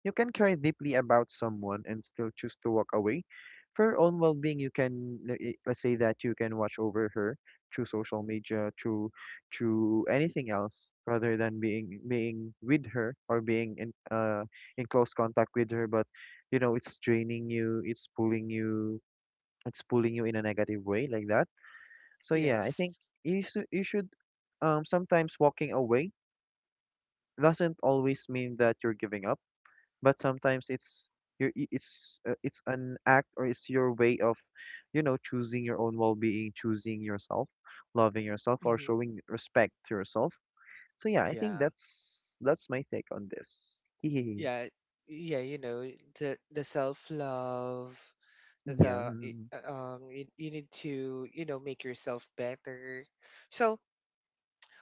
You can care deeply about someone and still choose to walk away. For your own well-being, you can let's say that you can watch over her through social media, through anything else, rather than being with her, or being in close contact with her. But you know, it's draining you, it's pulling you, it's pulling you in a negative way like that. So yeah, I
Yes.
think you should, sometimes walking away doesn't always mean that you're giving up, but sometimes it's your, it's an act, or it's your way of, you know, choosing your own well-being, choosing yourself, loving yourself, or
Mm-hmm.
showing respect to yourself. So yeah, I think
Yeah.
that's my take on this.
Yeah. Yeah. The self-love.
Yeah.
You need to make yourself better. So,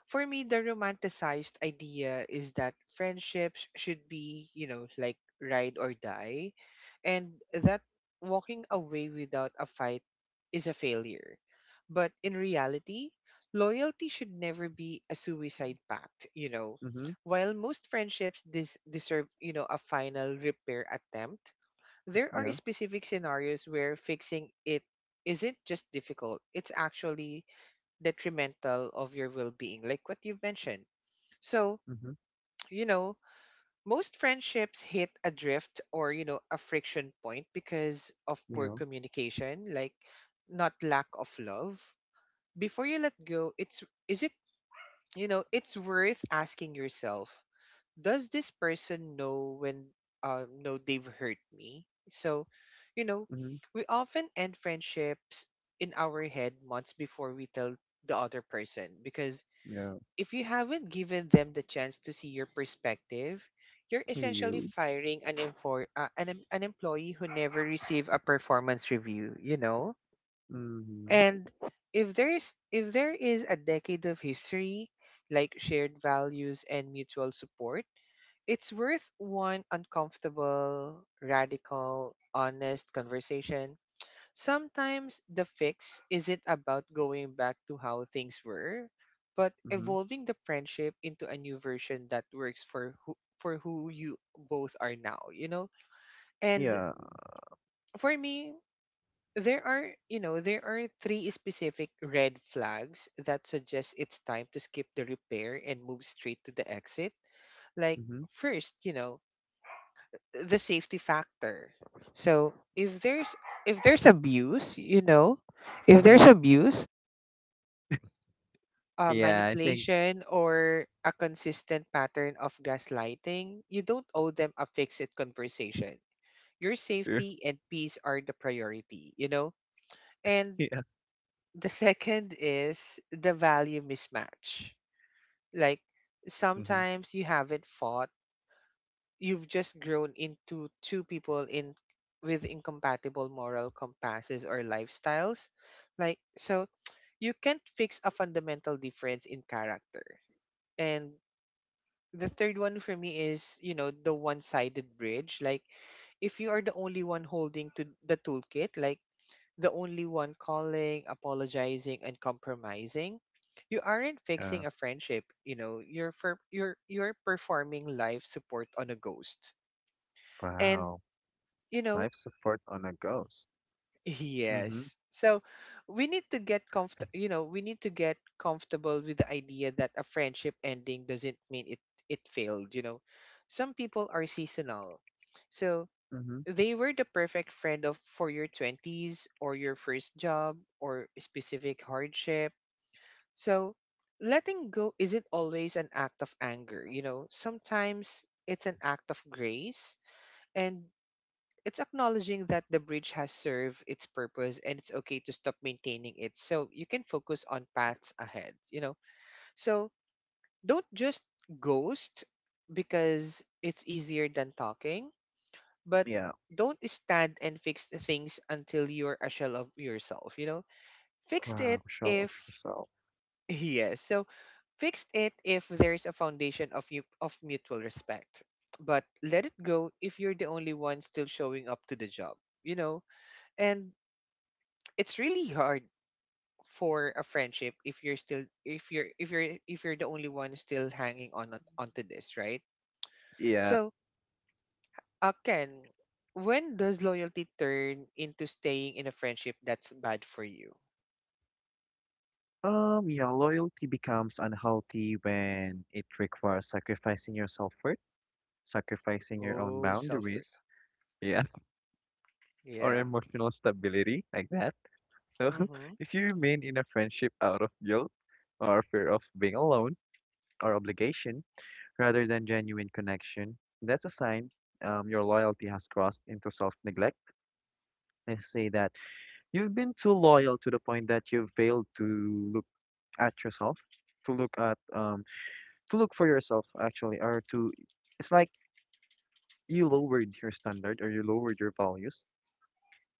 for me, the romanticized idea is that friendships should be, like ride or die, and that walking away without a fight is a failure. But in reality, loyalty should never be a suicide pact.
Mm-hmm.
While most friendships deserve a final repair attempt, there are
Yeah.
specific scenarios where fixing it isn't just difficult, it's actually detrimental of your well-being, like what you've mentioned. So,
Mm-hmm.
you know most friendships hit a drift, or a friction point because of poor
Yeah.
communication, like not lack of love. Before you let go, it's is it you know it's worth asking yourself, does this person know they've hurt me? So, you know
Mm-hmm.
we often end friendships in our head months before we tell the other person, because
Yeah.
if you haven't given them the chance to see your perspective, you're
Hey,
essentially
You.
firing an infor- an, em- an employee who never received a performance review, you know?
Mm-hmm.
And if there is a decade of history, like shared values and mutual support, it's worth one uncomfortable, radical, honest conversation. Sometimes the fix isn't about going back to how things were, but
Mm-hmm.
evolving the friendship into a new version that works for who you both are now, you know? And
Yeah.
for me, there are three specific red flags that suggest it's time to skip the repair and move straight to the exit. Like,
Mm-hmm.
first, the safety factor. So, if there's abuse, if
Mm-hmm.
there's abuse,
Yeah, I think
manipulation or a consistent pattern of gaslighting, you don't owe them a fixed conversation. Your
true.
safety and peace are the priority, you know? And
Yeah.
the second is the value mismatch. Like,
Mm-hmm.
sometimes you haven't fought, you've just grown into two people in with incompatible moral compasses or lifestyles. Like, so you can't fix a fundamental difference in character. And the third one for me is the one-sided bridge, like, if you are the only one holding to the toolkit, like the only one calling, apologizing and compromising. You aren't
Uh,
fixing a friendship, you know you're for you're you're performing life support on a ghost. And,
wow.
you know
Life support on a ghost. Mm-hmm.
yes. So we need to get comfortable with the idea that a friendship ending doesn't mean it failed. Some people are seasonal. So
Mm-hmm.
they were the perfect friend of for your 20s or your first job or a specific hardship. So letting go isn't always an act of anger. Sometimes it's an act of grace, and it's acknowledging that the bridge has served its purpose and it's okay to stop maintaining it so you can focus on paths ahead. So don't just ghost because it's easier than talking. But
Yeah.
don't stand and fix the things until you're a shell of yourself. You know fixed
Wow.
it
Show off
if
yourself.
Yes. So fixed it if there's a foundation of mutual respect, but let it go if you're the only one still showing up to the job you know and it's really hard for a friendship if you're still if you're if you're if you're the only one still hanging on onto this, right?
Yeah.
So, Ken, when does loyalty turn into staying in a friendship that's bad for you?
Yeah, loyalty becomes unhealthy when it requires sacrificing your self-worth, sacrificing your own
Oh, self
boundaries. Yeah. Or
yeah.
emotional stability like that. So
Mm-hmm.
if you remain in a friendship out of guilt, or fear of being alone, or obligation, rather than genuine connection, that's a sign your loyalty has crossed into self neglect. I say that you've been too loyal to the point that you've failed to look at yourself, to look at, to look for yourself actually, or to, it's like you lowered your standard, or you lowered your values.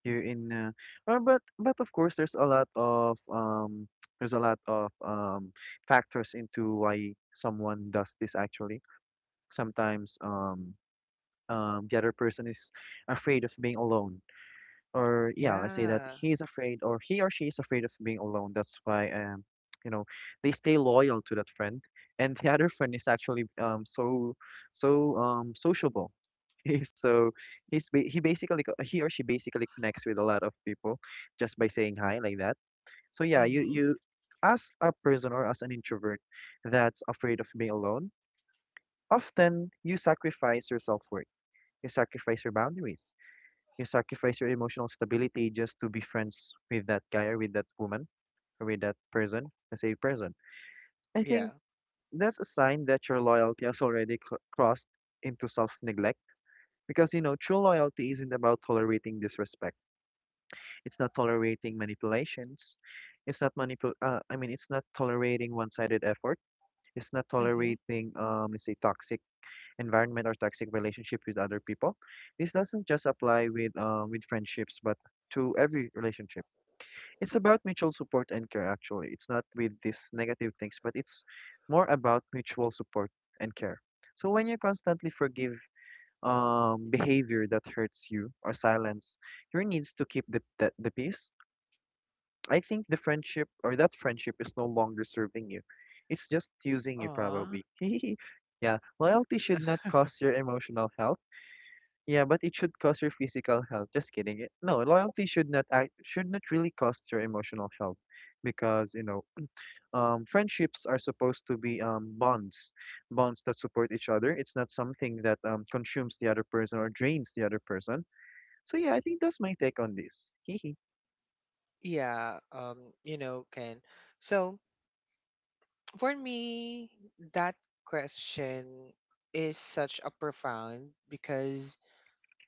You in, or but of course, there's a lot of there's a lot of factors into why someone does this actually. Sometimes the other person is afraid of being alone, or yeah, let's say that
Yeah.
he's afraid, or he or she is afraid of being alone. That's why you know, they stay loyal to that friend, and the other friend is actually so sociable. He's so, he basically he or she basically connects with a lot of people just by saying hi like that. So yeah, you,
Mm-hmm.
as a person or as an introvert that's afraid of being alone, often you sacrifice your self-worth, you sacrifice your boundaries, you sacrifice your emotional stability just to be friends with that guy, or with that woman, or with that person, the same person. I
Yeah.
think that's a sign that your loyalty has already crossed into self-neglect, because you know true loyalty isn't about tolerating disrespect. It's not tolerating manipulations. It's not manipul I mean it's not tolerating one-sided effort. It's not
Mm-hmm.
tolerating let's say toxic environment, or toxic relationship with other people. This doesn't just apply with friendships, but to every relationship. It's about mutual support and care, actually. It's not with these negative things, but it's more about mutual support and care. So when you constantly forgive behavior that hurts you or silence your needs to keep the peace, I think the friendship or that friendship is no longer serving you. It's just using you,
Aw.
probably. Yeah, loyalty should not cost your emotional health. Yeah, but it should cost your physical health. Just kidding. No, loyalty should not act, should not really cost your emotional health because, you know, friendships are supposed to be bonds, bonds that support each other. It's not something that consumes the other person or drains the other person. So yeah, I think that's my take on this. Hehe.
Yeah, Ken, so for me, that question is such a profound, because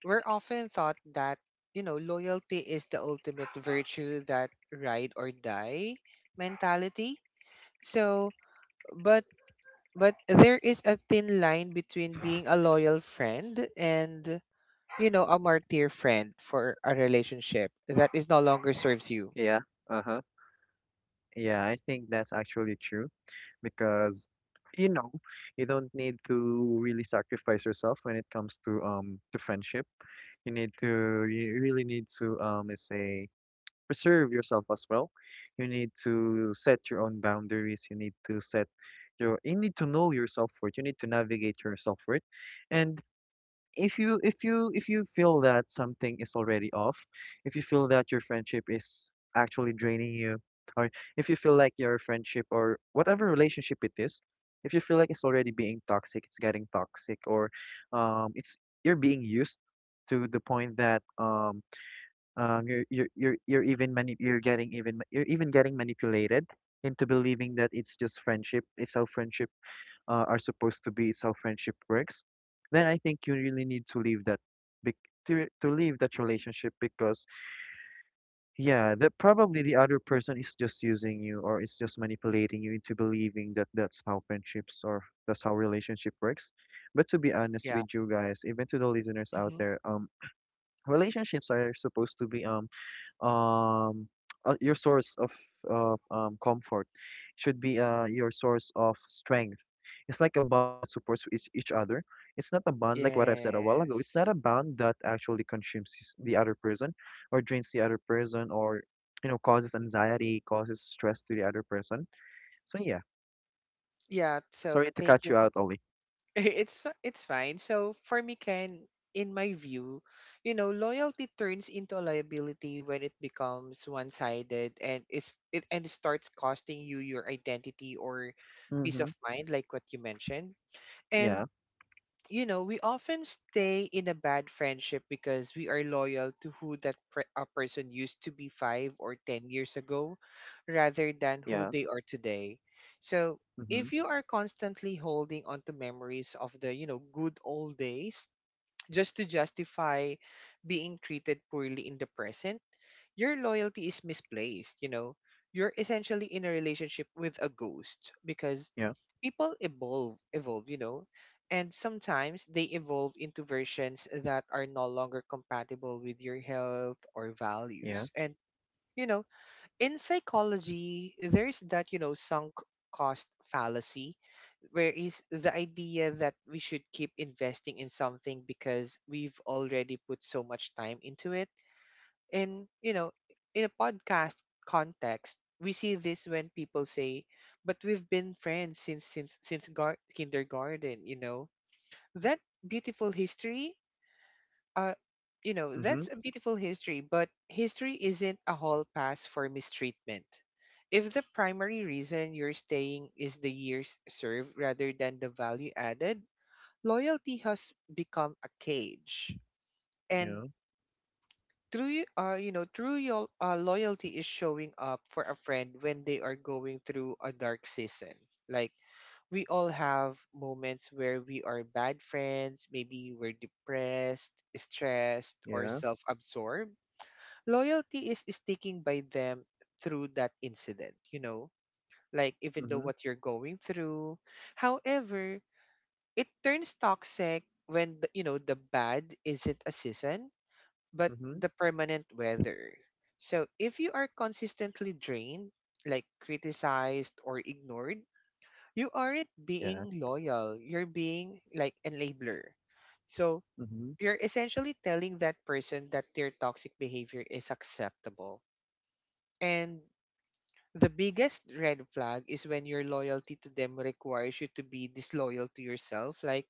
we're often taught that, loyalty is the ultimate virtue, that ride or die mentality. So, but but there is a thin line between being a loyal friend and, a martyr friend for a relationship that is no longer serves you.
Yeah. Uh huh. Yeah, I think that's actually true because, you know, you don't need to really sacrifice yourself when it comes to friendship. You need to, you really need to, let's say, preserve yourself as well. You need to set your own boundaries. You need to set your, you need to know your self-worth. You need to navigate your self-worth. And if you feel that something is already off, if you feel that your friendship is actually draining you, or if you feel like your friendship or whatever relationship it is, if you feel like it's already being toxic, it's getting toxic, or it's you're being used to the point that you're you're you're even getting manipulated into believing that it's just friendship. It's how friendship are supposed to be. It's how friendship works. Then I think you really need to leave that bec- to to leave that relationship because yeah, that probably the other person is just using you or is just manipulating you into believing that that's how friendships or that's how relationship works. But to be honest
Yeah.
with you guys, even to the listeners out
Hmm.
there, relationships are supposed to be um your source of comfort. It should be your source of strength. It's like a bond that supports each other. It's not a bond like what I've said a while ago. It's not a
Yes.
bond that actually the other person or drains the other person, or you know, causes anxiety, causes stress to the other person. So yeah,
Yeah. So,
sorry to
thank
cut
you.
you out, Ollie.
It's fine. So, for me, Ken, in my view, loyalty turns into a liability when it becomes one-sided, and it's it and it starts costing you your identity or peace
Mm-hmm.
of mind, like what you mentioned.
Yeah,
And, we often stay in a bad friendship because we are loyal to who a person used to be 5 or 10 years ago rather than who
yeah.
they are today. So,
Mm-hmm.
if you are constantly holding on to memories of the, good old days just to justify being treated poorly in the present, your loyalty is misplaced. You're essentially in a relationship with a ghost, because
Yeah,
people evolve, you know, and sometimes they evolve into versions that are no longer compatible with your health or
yeah.
values. And, you know in psychology there's that, sunk cost fallacy, where is the idea that we should keep investing in something because we've already put so much time into it in you know in a podcast context. We see this when people say, but we've been friends since kindergarten, you know? that beautiful history uh you know
Mm-hmm.
that's a beautiful history, but history isn't a hall pass for mistreatment. If the primary reason you're staying is the years served rather than the value added, loyalty has become a cage. And
Yeah,
true, loyalty is showing up for a friend when they are going through a dark season. Like, we all have moments where we are bad friends, maybe we're depressed, stressed, or
yeah.
self-absorbed. Loyalty is sticking by them through that incident, you know? Like, even though
Mm-hmm.
what you're going through. However, it turns toxic when the, you know the bad isn't a season but
Mm-hmm.
the permanent weather. So if you are consistently drained, like criticized or ignored, you aren't
Yeah.
being loyal. You're being like enabler. So
Mm-hmm.
you're essentially telling that person that their toxic behavior is acceptable. And the biggest red flag is when your loyalty to them requires you to be disloyal to yourself. Like,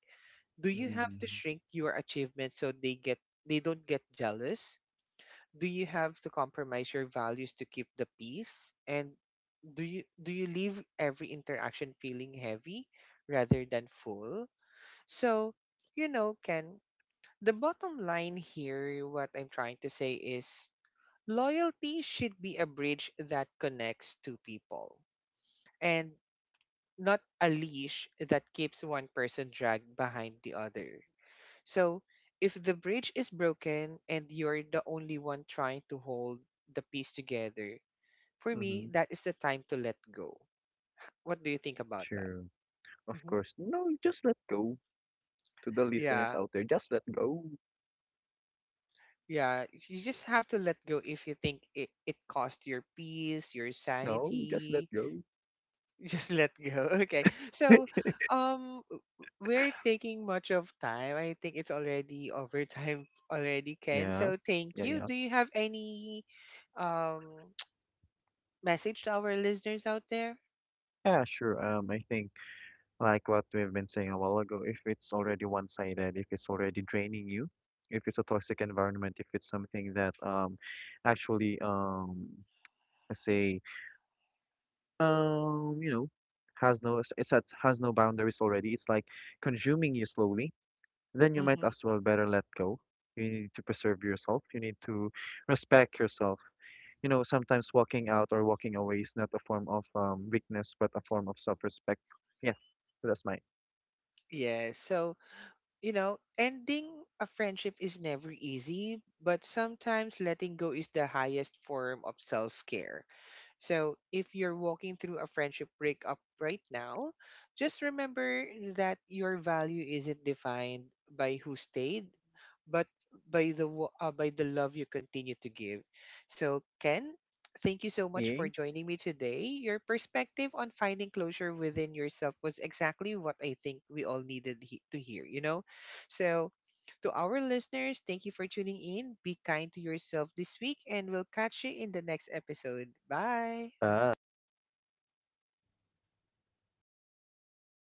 do you have to
Mm-hmm.
shrink your achievements so they don't get jealous? Do you have to compromise your values to keep the peace? And do you leave every interaction feeling heavy rather than full? So, Ken, the bottom line here, what I'm trying to say is loyalty should be a bridge that connects two people and not a leash that keeps one person dragged behind the other. So, if the bridge is broken and you're the only one trying to hold the piece together, for me,
Mm-hmm.
that is the time to let go. What do you think about that?
True. Of
Hmm.
course. No, just let go. To the listeners
Yeah,
out there, just let go.
yeah. You just have to let go if you think it cost your peace, your
No, just let
sanity.
go.
Just let go. Okay. So, um, w- we're taking much of time. I think it's already overtime already, Ken.
Yeah.
So, thank
Yeah,
you.
yeah.
Do you have any um message to our listeners out there?
Yeah, sure. I think like what we've been saying a while ago, if it's already one-sided, if it's already draining you, if it's a toxic environment, if it's something that actually let's say, you know, has it's has no boundaries already. It's like consuming you slowly, then you might
Mm-hmm.
as well better let go. You need to preserve yourself. You need to respect yourself. You know, sometimes walking out or walking away is not a form of weakness, but a form of self-respect. Yeah, so that's my.
Yeah. So, ending a friendship is never easy, but sometimes letting go is the highest form of self care. So, if you're walking through a friendship breakup right now, just remember that your value isn't defined by who stayed, but by the love you continue to give. So, Ken, thank you so much for
Yay.
joining me today. Your perspective on finding closure within yourself was exactly what I think we all needed to hear, you know? So, to our listeners, thank you for tuning in. Be kind to yourself this week, and we'll catch you in the next episode. Bye.
Bye.